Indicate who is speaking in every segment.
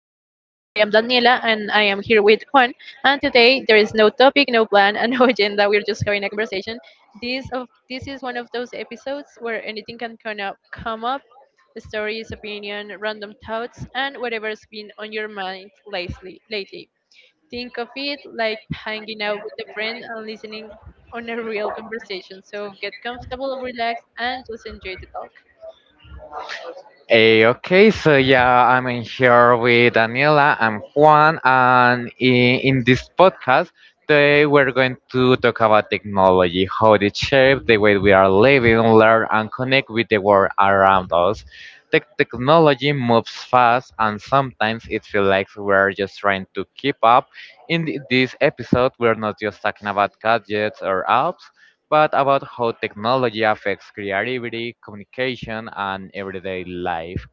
Speaker 1: with Juan. And today there is no topic, no plan, and no agenda. We're just having a conversation. This of this is one of those episodes where anything can come up: stories, opinion, random thoughts, and whatever's been on your mind lately. Lately, think of it like hanging out with a friend and listening on a real conversation. So get comfortable, relax, and just enjoy the talk.
Speaker 2: Okay, so yeah, I'm in here with Daniela and Juan, and in this podcast, they were going to talk about technology, how it shapes the way we are living, learn, and connect with the world around us. Technology moves fast, and sometimes it feels like we're just trying to keep up. In this episode, we're not just talking about gadgets or apps but about how technology affects creativity, communication, and everyday life.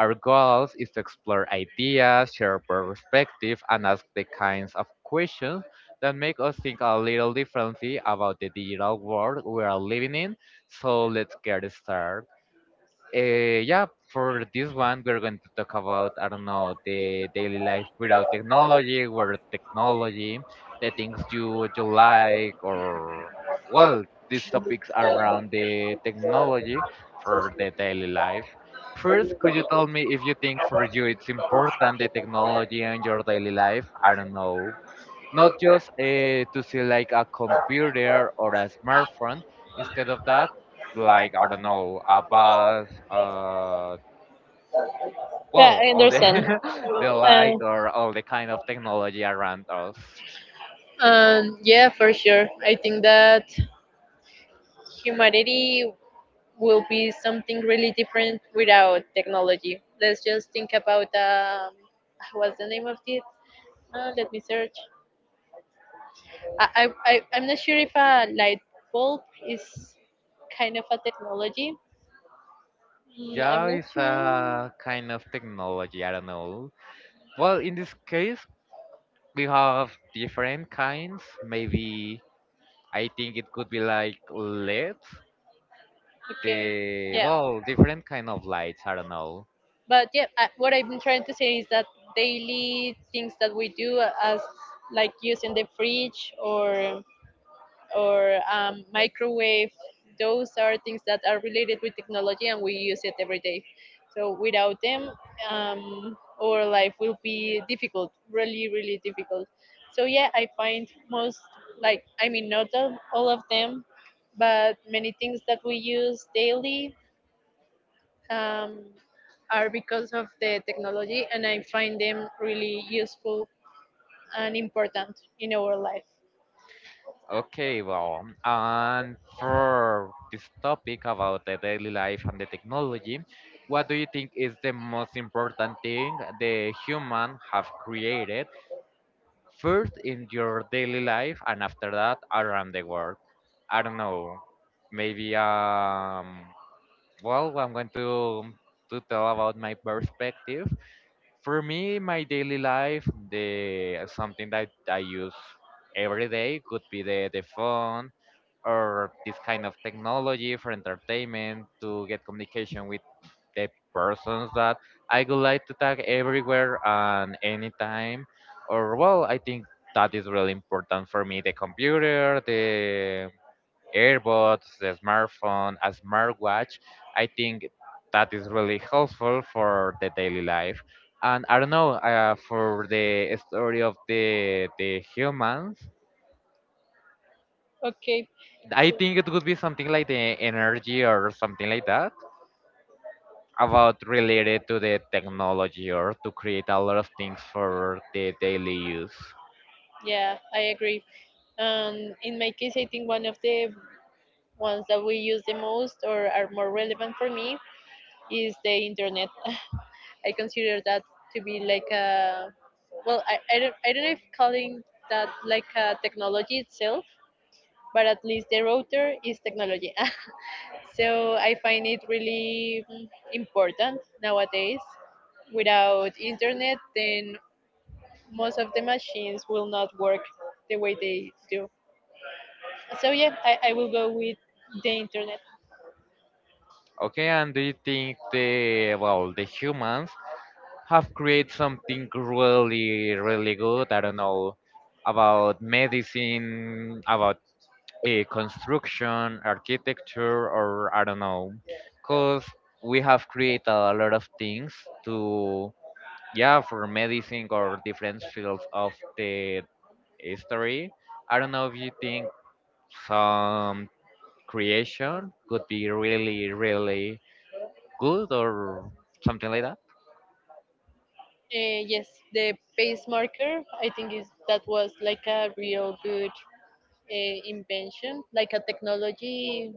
Speaker 2: Our goal is to explore ideas, share perspectives, and ask the kinds of questions that make us think a little differently about the digital world we are living in. So let's get started. Yeah, for this one, we're going to talk about, I don't know, the daily life without technology, with technology, the things you like, or, well, these topics around the technology for the daily life. First, could you tell me if you think for you it's important the technology and your daily life? I don't know, not just to see like a computer or a smartphone. Instead of that, like I don't know, a bus,
Speaker 1: Yeah,
Speaker 2: well,
Speaker 1: I
Speaker 2: all the
Speaker 1: understand.
Speaker 2: the
Speaker 1: Uh,
Speaker 2: light or all the kind of technology around us.
Speaker 1: and yeah, for sure. I think that humanity will be something really different without technology. Let's just think about what's the name of it? Let me search. I'm not sure if a light bulb is kind of a technology. Mm, I'm
Speaker 2: Yeah,
Speaker 1: not
Speaker 2: it's
Speaker 1: sure.
Speaker 2: a kind of technology. I don't know. Well, in this case, we have different kinds. Maybe I think it could be like LEDs.
Speaker 1: Okay.
Speaker 2: The
Speaker 1: Yeah.
Speaker 2: well, different kind of lights. I don't know.
Speaker 1: But yeah, what I've been trying to say is that daily things that we do as like using the fridge or microwave, those are things that are related with technology and we use it every day. So without them, um, our life will be difficult, really really difficult. So yeah, I find most, like I mean, not all of them, but many things that we use daily um, are because of the technology, and I find them really useful and important in our life.
Speaker 2: Okay, well, and for this topic about the daily life and the technology, what do you think is the most important thing the human have created first in your daily life and after that around the world? I don't know. Maybe well, I'm going to tell about my perspective. For me, my daily life, the something that I use every day could be the phone or this kind of technology for entertainment to get communication with the persons that I would like to tag everywhere and anytime. Or well, I think that is really important for me. The computer, the earbuds, the smartphone, a smartwatch. I think that is really helpful for the daily life. And I don't know, for the story of the humans,
Speaker 1: Okay,
Speaker 2: I
Speaker 1: so
Speaker 2: think it could be something like the energy or something like that about related to the technology or to create a lot of things for the daily use.
Speaker 1: yeah, I agree. In my case, I think one of the ones that we use the most or are more relevant for me is the internet. I consider that to be like a, well, I don't know if calling that like a technology itself, but at least the router is technology. So I find it really important nowadays. Without internet, then most of the machines will not work the way they do. So yeah, I will go with the internet.
Speaker 2: Okay, and do you think the well the humans have created something really really good? I don't know, about medicine, about construction, architecture, or I don't know, because we have created a lot of things to, yeah, for medicine or different fields of the history. I don't know if you think some creation could be really really good or something like that.
Speaker 1: Yes, the pace marker. I think is that was like a real good invention, like a technology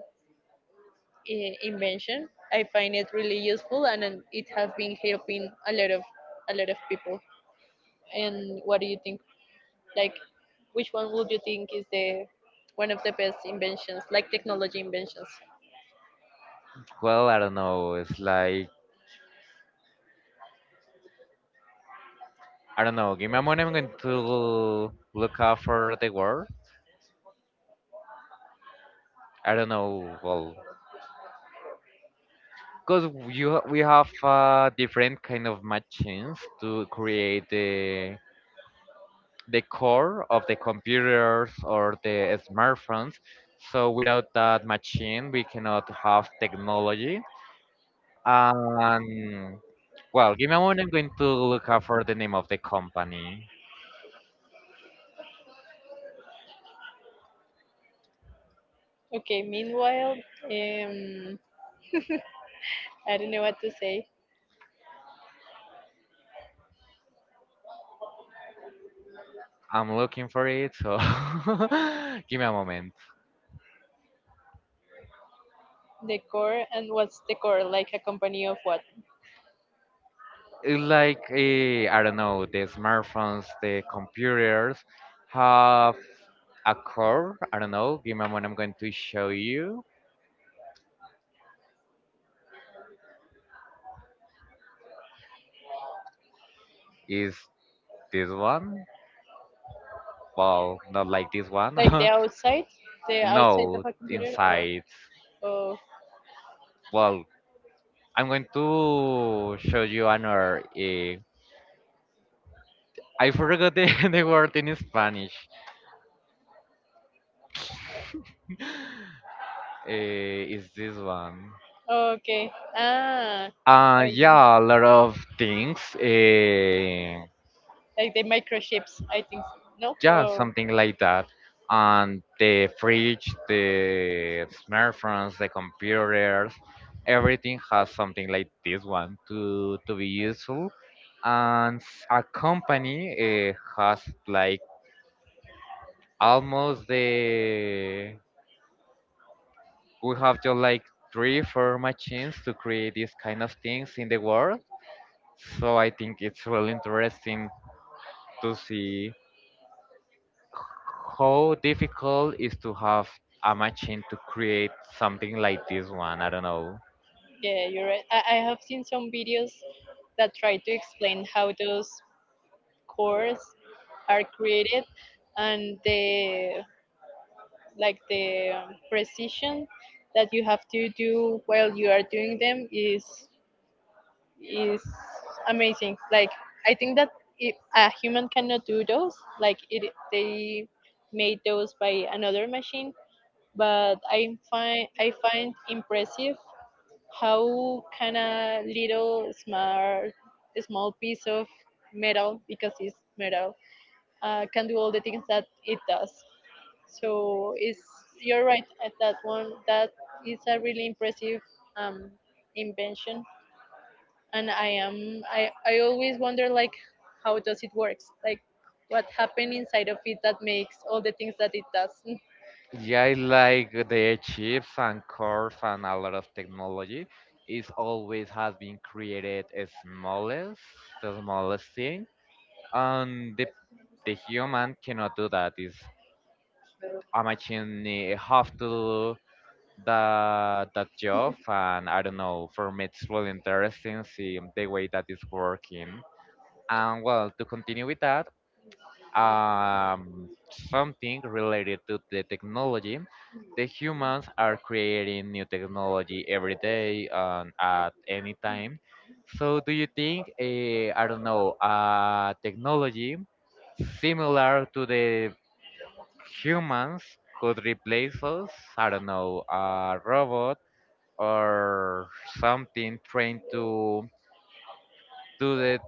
Speaker 1: invention. I find it really useful, and it has been helping a lot of people. And what do you think? Like, which one would you think is the one of the best inventions, like technology inventions?
Speaker 2: Well, I don't know, it's like I don't know, give me a moment. I'm going to look up for the word. I don't know, well, because we have different kind of machines to create the core of the computers or the smartphones. So without that machine, we cannot have technology. Um, well, give me a moment. I'm going to look up for the name of the company.
Speaker 1: Okay. Meanwhile, um, I don't know what to say.
Speaker 2: I'm looking for it, so give me a moment.
Speaker 1: The core, and what's the core? Like a company of what?
Speaker 2: It's like I don't know, the smartphones, the computers have a core. I don't know. Give me a moment. I'm going to show you. Is this one? Well, not like this
Speaker 1: Like
Speaker 2: one.
Speaker 1: the outside of
Speaker 2: No,
Speaker 1: a computer, or
Speaker 2: inside.
Speaker 1: oh,
Speaker 2: Well, I'm going to show you another. I forgot the, the word in Spanish. uh, is this one?
Speaker 1: oh, okay, ah, like
Speaker 2: Yeah, a lot of things.
Speaker 1: like the microchips, I think. So. No,
Speaker 2: Yeah,
Speaker 1: oh,
Speaker 2: something like that. And the fridge, the smartphones, the computers, everything has something like this one to be useful and a company has like almost the, we have just like 3 or 4 machines to create these kind of things in the world. So I think it's really interesting to see how difficult is to have a machine to create something like this one. I don't know.
Speaker 1: yeah, you're right. I have seen some videos that try to explain how those cores are created and the, like the precision that you have to do while you are doing them is amazing. Like, I think that if a human cannot do those, like it, they made those by another machine. But I find, I find impressive how can a little smart small piece of metal, because it's metal, can do all the things that it does. So it's, you're right at that one. That is a really impressive um, invention, and I am, I always wonder like how does it works, like what happened inside of it that makes all the things that it does.
Speaker 2: Yeah, I like the chips and cores, and a lot of technology is always has been created as smallest, the smallest thing, and the human cannot do that. It's a machine have to do that job. And I don't know, for me it's really interesting see the way that it's working. And well, to continue with that, um something related to the technology, the humans are creating new technology every day and at any time. So do you think I don't know, technology similar to the humans could replace us. I don't know, a robot or something trained to do the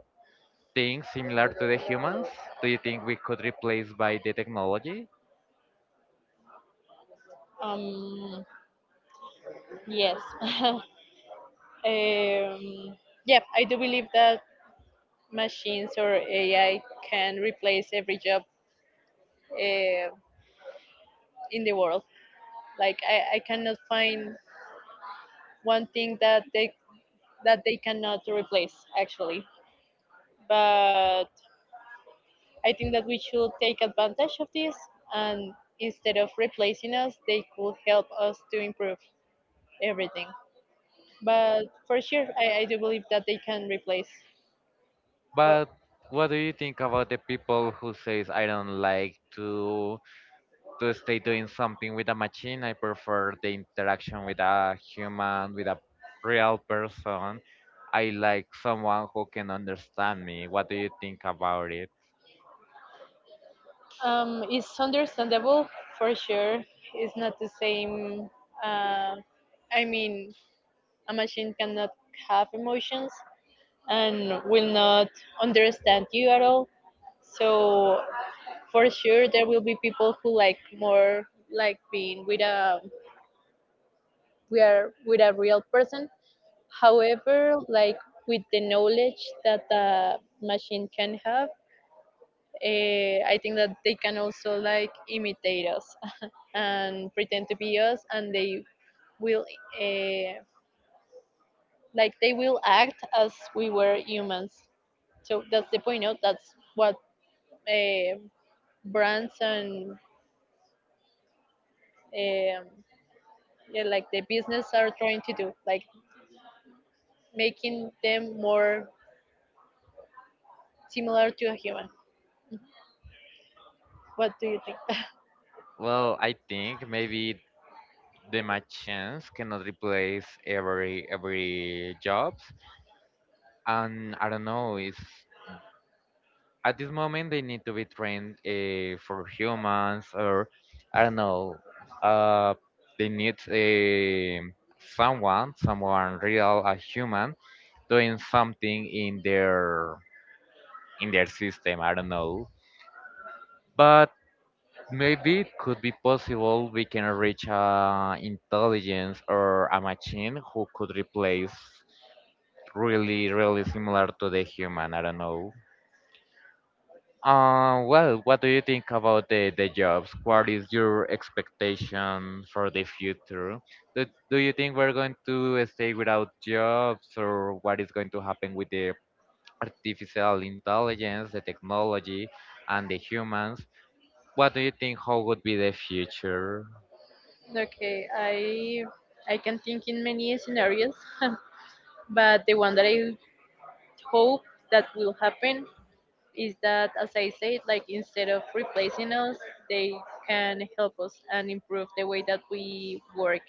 Speaker 2: things similar to the humans. Do you think we could replace by the technology?
Speaker 1: um yes, um yeah, I do believe that machines or AI can replace every job uh, in the world. Like, I cannot find one thing that they, that they cannot replace actually. But I think that we should take advantage of this, and instead of replacing us, they could help us to improve everything. But for sure, I do believe that they can replace. But,
Speaker 2: But what do you think about the people who says I don't like to stay doing something with a machine? I prefer the interaction with a human, with a real person. I like someone who can understand me. What do you think about it?
Speaker 1: it's understandable for sure. It's not the same. Uh, I mean, a machine cannot have emotions and will not understand you at all. So for sure, there will be people who like more, like being with a, we are with a real person. However, like with the knowledge that the machine can have, I think that they can also like imitate us and pretend to be us, and they will, uh, like they will act as we were humans. So that's the point out. That's what uh, brands and um, yeah, like the business are trying to do, like making them more similar to a human. What do you think?
Speaker 2: Well, I think maybe the machines cannot replace every jobs, and I don't know. It's at this moment they need to be trained for humans, or I don't know. Uh, they need a someone real, a human, doing something in their system. I don't know, but maybe it could be possible we can reach a intelligence or a machine who could replace really, really similar to the human. I don't know. Well, what do you think about the jobs? What is your expectation for the future? Do you think we're going to stay without jobs, or what is going to happen with the artificial intelligence, the technology, and the humans? What do you think? How would be the future?
Speaker 1: Okay, I can think in many scenarios, but the one that I hope that will happen is that, as I said, like instead of replacing us, they can help us and improve the way that we work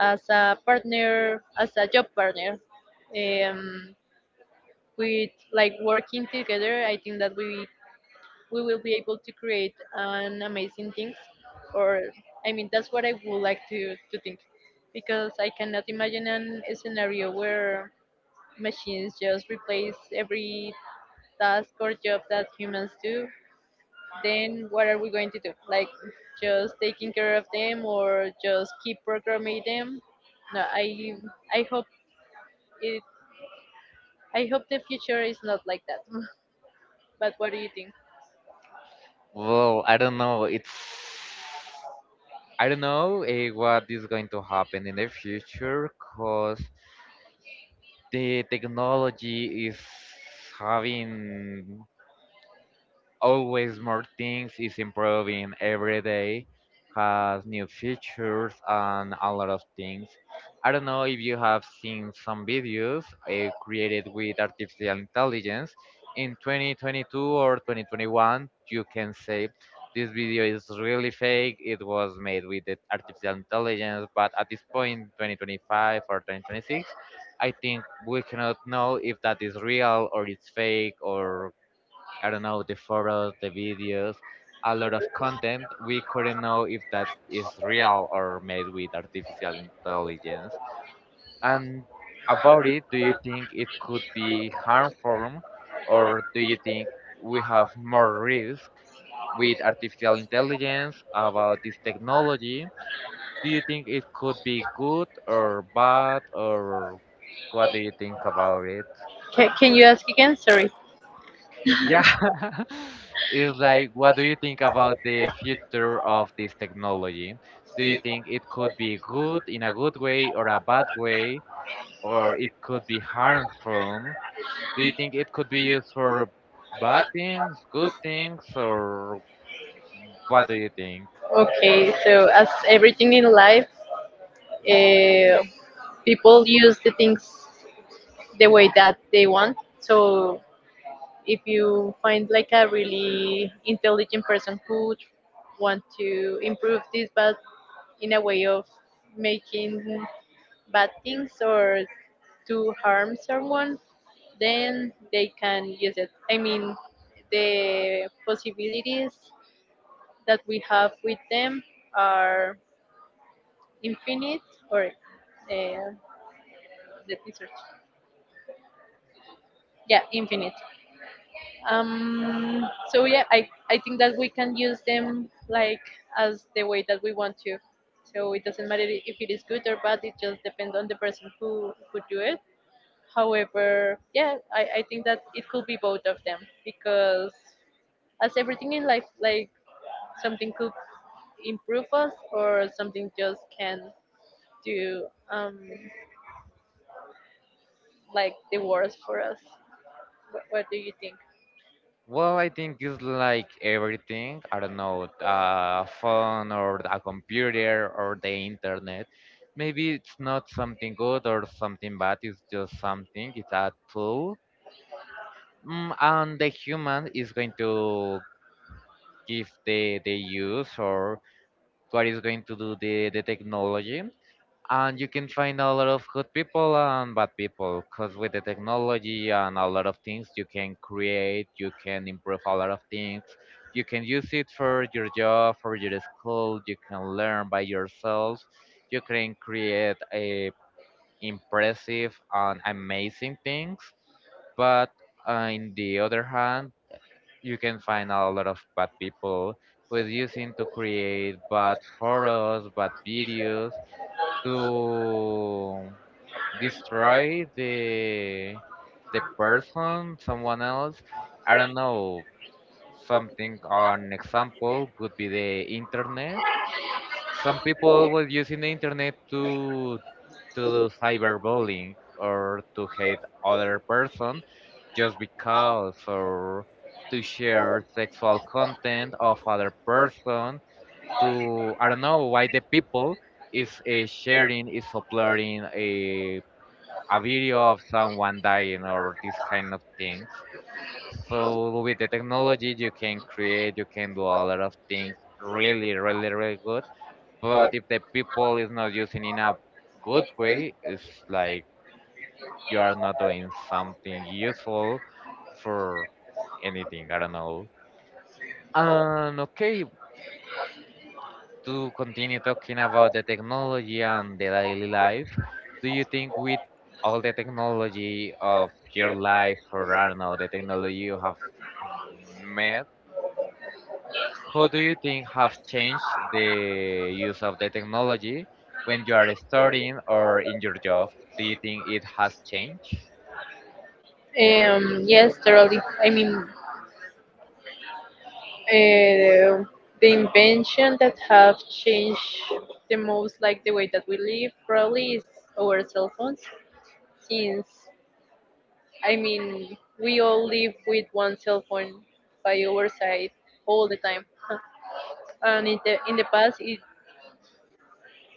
Speaker 1: as a partner, as a job partner. Um, with like working together, I think that we will be able to create an amazing things. Or, I mean, that's what I would like to think, because I cannot imagine an, a scenario where machines just replace every task or job that humans do. Then what are we going to do? Like just taking care of them or just keep programming them? No i i hope it i hope the future is not like that. But what do you think?
Speaker 2: Well, I don't know. It's I don't know what is going to happen in the future because the technology is having always more things, is improving every day, has new features and a lot of things. I don't know if you have seen some videos created with artificial intelligence in 2022 or 2021. You can say this video is really fake, it was made with the artificial intelligence, but at this point, 2025 or 2026, I think we cannot know if that is real or it's fake, or I don't know, the photos, the videos, a lot of content. We couldn't know if that is real or made with artificial intelligence. And about it, do you think it could be harmful, or do you think we have more risk with artificial intelligence about this technology? Do you think it could be good or bad or what do you think about it?
Speaker 1: Can you ask again, sorry?
Speaker 2: Yeah. It's like, what do you think about the future of this technology? Do you think it could be good in a good way or a bad way, or it could be harmful? Do you think it could be used for bad things, good things, or what do you think?
Speaker 1: Okay, so as everything in life, uh, people use the things the way that they want. So if you find like a really intelligent person who want to improve this, but in a way of making bad things or to harm someone, then they can use it. I mean, the possibilities that we have with them are infinite. Or uh, let me search. Yeah, infinite. Um, so yeah, I think that we can use them like as the way that we want to. So it doesn't matter if it is good or bad. It just depends on the person who do it. However, yeah, I think that it could be both of them, because as everything in life, like something could improve us or something just can do um like the worst for us. What do you think?
Speaker 2: Well, I think it's like everything. I don't know, a phone or a computer or the internet. Maybe it's not something good or something bad. It's just something. It's a tool, mm, and the human is going to give the use or what is going to do the technology. And you can find a lot of good people and bad people, because with the technology and a lot of things you can create, you can improve a lot of things, you can use it for your job, for your school, you can learn by yourself, you can create a impressive and amazing things. But in the other hand, you can find a lot of bad people who is using to create bad photos, bad videos, to destroy the person, someone else. I don't know. Something an example could be the internet. Some people were using the internet to do cyberbullying or to hate other person just because, or to share sexual content of other person, to I don't know why the people is sharing, is uploading a video of someone dying or this kind of things. So with the technology you can create, you can do a lot of things really, really, really good. But if the people is not using in a good way, it's like you are not doing something useful for anything. I don't know. And okay, to continue talking about the technology and the daily life, do you think with all the technology of your life, or I don't know, the technology you have met, how do you think have changed the use of the technology when you are studying or in your job? Do you think it has changed?
Speaker 1: Yes, totally. I mean, uh, the invention that have changed the most, like the way that we live, probably is our cell phones. Since, I mean, we all live with one cell phone by our side all the time. And in the, in the past, it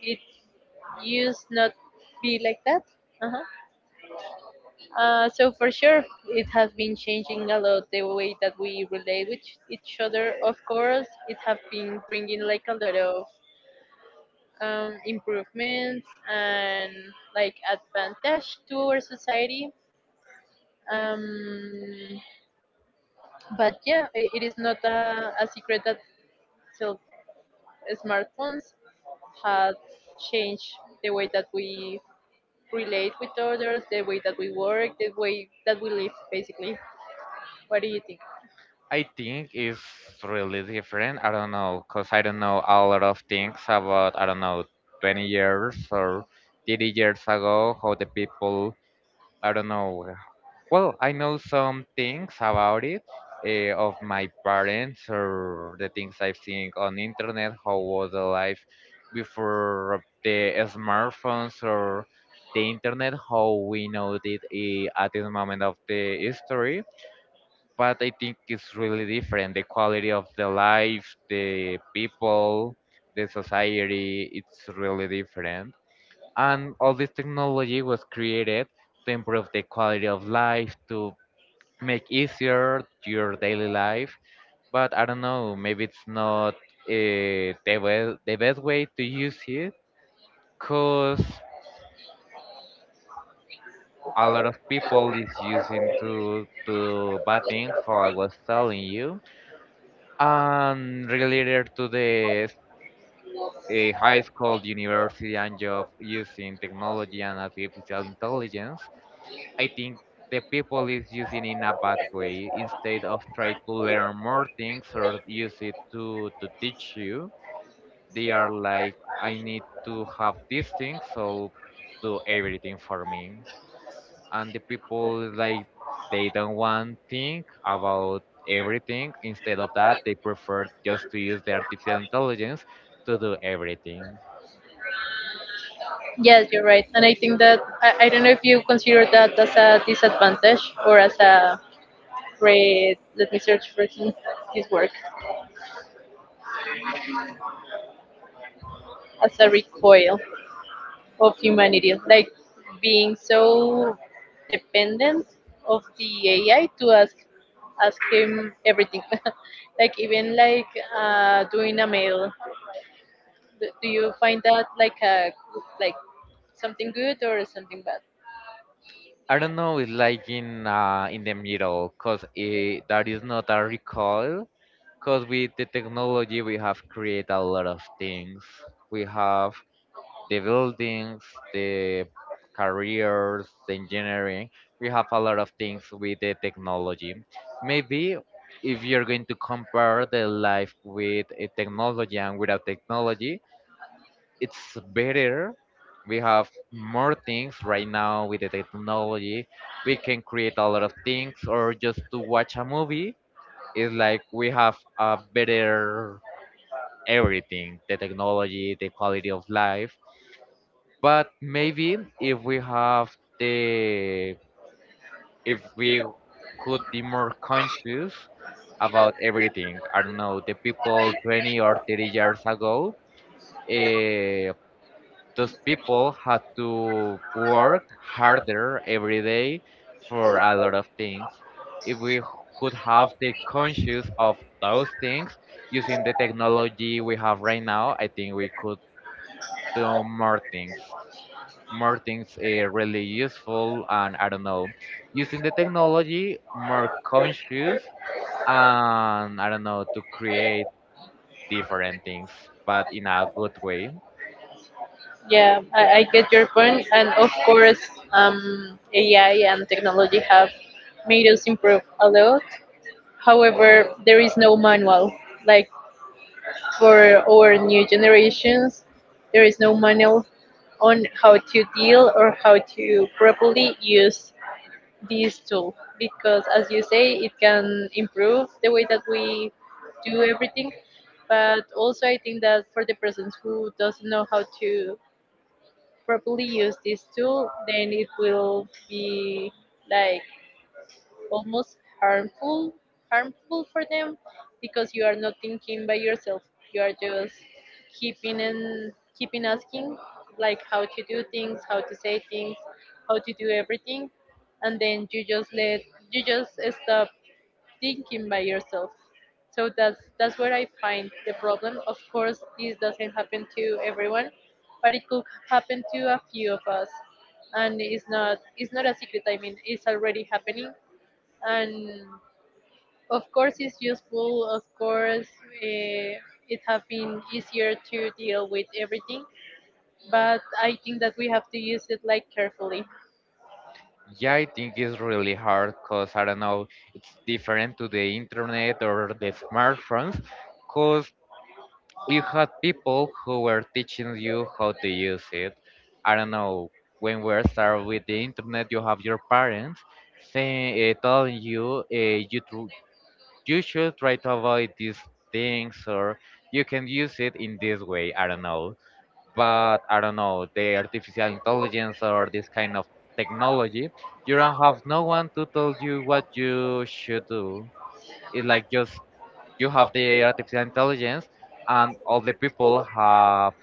Speaker 1: it used not be like that. Uh-huh. So for sure, it has been changing a lot the way that we relate with each other. Of course, it has been bringing like a lot of improvements and like advantage to our society. Um, but yeah, I it is not a, a secret that cell- smartphones have changed the way that we relate with others, the way that we work, the way that we live, basically. What do you think?
Speaker 2: I think it's really different. I don't know, cause I don't know a lot of things about, I don't know, 20 years or 30 years ago how the people, I don't know. Well, I know some things about it of my parents or the things I've seen on internet. How was the life before the smartphones or the internet? How we know it at this moment of the history but I think it's really different. The quality of the life, the people, the society, it's really different. And all this technology was created to improve the quality of life, to make easier your daily life. But I don't know, maybe it's not the best way to use it because a lot of people is using to do bad things, how I was telling you and related to the high school, university, and job using technology and artificial intelligence, I think the people is using in a bad way. Instead of try to learn more things or use it to teach you, they are like, I need to have these things, so do everything for me and the people like they don't want think about everything instead of that they prefer just to use the artificial intelligence to do everything.
Speaker 1: Yes, you're right. And I think that, I don't know if you consider that as a disadvantage or as a great. Let me search for some, this work, as a recoil of humanity, like being so dependent of the AI to ask him everything, like even like doing a mail. Do you find that like a, like something good or something.
Speaker 2: I don't know, it's like in the middle because it that is not a recoil because with the technology we have created a lot of things. We have the buildings, the careers, the engineering. We have a lot of things with the technology. Maybe if you're going to compare the life with a technology and without technology, it's better. We have more things right now with the technology. We can create a lot of things, or just to watch a movie. It's like we have a better everything, the technology, the quality of life, but maybe if we have the if we could be more conscious about everything. I don't know, the people 20 or 30 years ago, uh, those people had to work harder every day for a lot of things. If could have the conscious of those things using the technology we have right now, I think we could do more things. More things really useful, and I don't know, using the technology more conscious, and I don't know, to create different things, but in a good way.
Speaker 1: Yeah, I get your point, and of course, um, AI and technology have made us improve a lot. However, there is no manual. Like for our new generations, there is no manual on how to deal or how to properly use this tool, because, as you say, it can improve the way that we do everything. But also, I think that for the persons who doesn't know how to properly use this tool, then it will be like almost harmful, harmful for them, because you are not thinking by yourself. You are just keeping and keeping asking, like how to do things, how to say things, how to do everything, and then you just stop thinking by yourself. So that's where I find the problem. Of course, this doesn't happen to everyone, but it could happen to a few of us, and it's not a secret. I mean, it's already happening, and of course, it's useful. Of course, uh, it have been easier to deal with everything, but I think that we have to use it like carefully.
Speaker 2: Yeah, I think it's really hard because I don't know, it's different to the internet or the smartphones because you had people who were teaching you how to use it. I don't know, when we start with the internet, you have your parents saying, telling you you tr you should try to avoid these things or you can use it in this way. I don't know, but I don't know, the artificial intelligence or this kind of technology, you don't have no one to tell you what you should do. It's like just you have the artificial intelligence and all the people have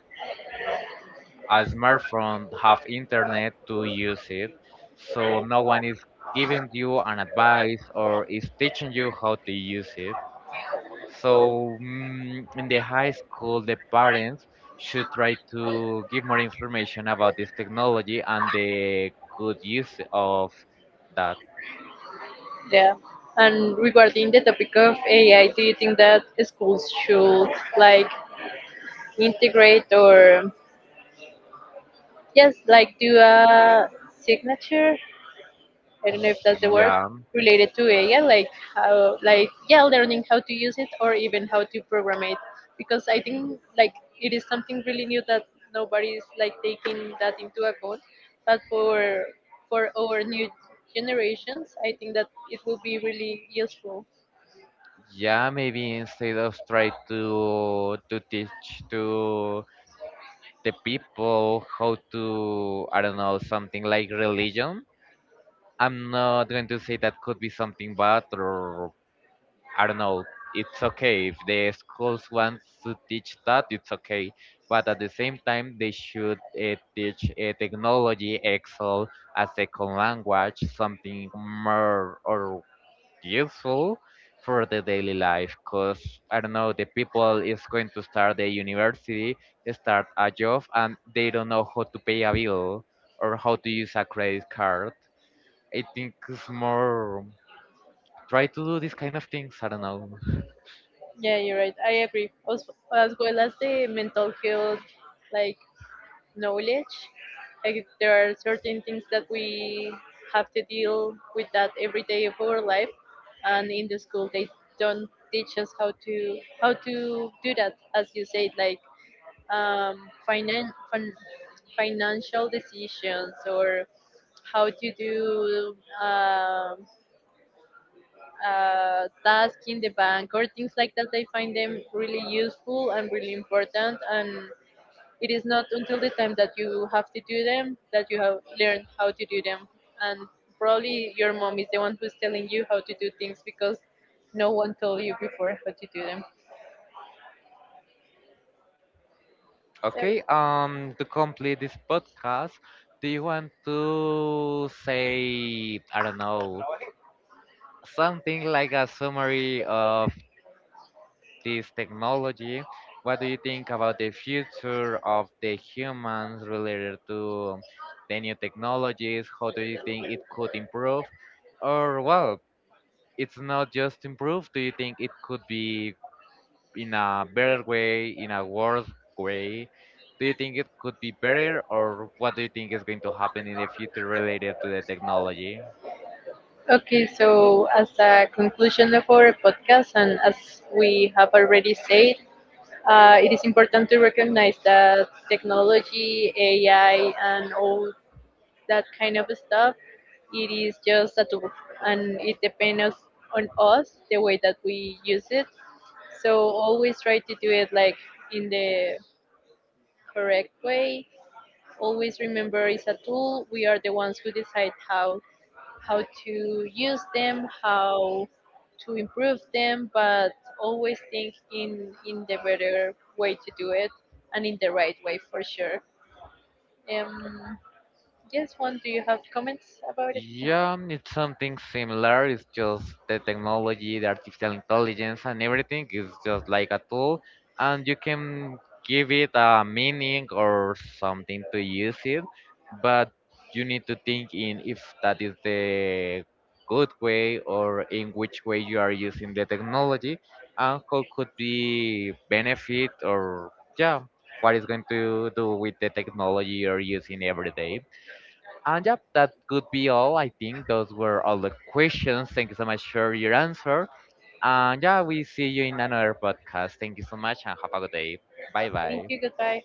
Speaker 2: a smartphone, have internet to use it, so no one is giving you an advice or is teaching you how to use it. So in the high school, the parents should try to give more information about this technology and the good use of that.
Speaker 1: Yeah. And regarding the topic of AI, do you think that schools should like integrate or just like do a signature? I don't know if that's the word,
Speaker 2: Yeah,
Speaker 1: related to AI, like how, like yeah, learning how to use it or even how to program it, because I think, like, it is something really new that nobody is like taking that into account. But for our new generations, I think that it will be really useful.
Speaker 2: yeah. Maybe instead of try to teach to the people how to, I don't know, something like religion. I'm not going to say that could be something bad or I don't know, it's okay. If the schools want to teach that, it's okay. But at the same time, they should teach technology, Excel, a second language, something more or useful for the daily life. Because, I don't know, the people is going to start the university, start a job, and they don't know how to pay a bill or how to use a credit card. I think it's more try to do these kind of things. I don't know.
Speaker 1: Yeah, you're right. I agree. Also, as well as the mental health, like knowledge. Like there are certain things that we have to deal with that every day of our life, and in the school they don't teach us how to, how to do that, as you said, like um, finan- fin- financial decisions or how to do um task in the bank or things like that. I find them really useful and really important, and it is not until the time that you have to do them that you have learned how to do them. And probably your mom is the one who's telling you how to do things, because no one told you before how to do them. So,
Speaker 2: Okay, to complete this podcast, do you want to say, I don't know, something like a summary of this technology? What do you think about the future of the humans related to the new technologies? How do you think it could improve? Or, well, it's not just improve, do you think it could be in a better way, in a worse way? Do you think it could be better, or what do you think is going to happen in the future related to the technology?
Speaker 1: okay, so as a conclusion of our podcast, and as we have already said, it is important to recognize that technology, AI, and all that kind of stuff. It is just a tool, and it depends on us the way that we use it. So always try to do it like in the correct way. Always remember it's a tool. We are the ones who decide how to use them, how to improve them, but always think in the better way to do it, and in the right way for sure. Um, yes, one, do you have comments about it?
Speaker 2: Yeah, it's something similar. It's just the technology, the artificial intelligence, and everything is just like a tool, and you can give it a meaning or something to use it, but you need to think in if that is the good way or in which way you are using the technology and how could be benefit or yeah, what is going to do with the technology you're using every day. And yeah, that could be all. I think those were all the questions. Thank you so much for your answer. And yeah, we see you in another podcast. Thank you so much and have a good day. Bye
Speaker 1: Thank
Speaker 2: bye.
Speaker 1: you. Goodbye.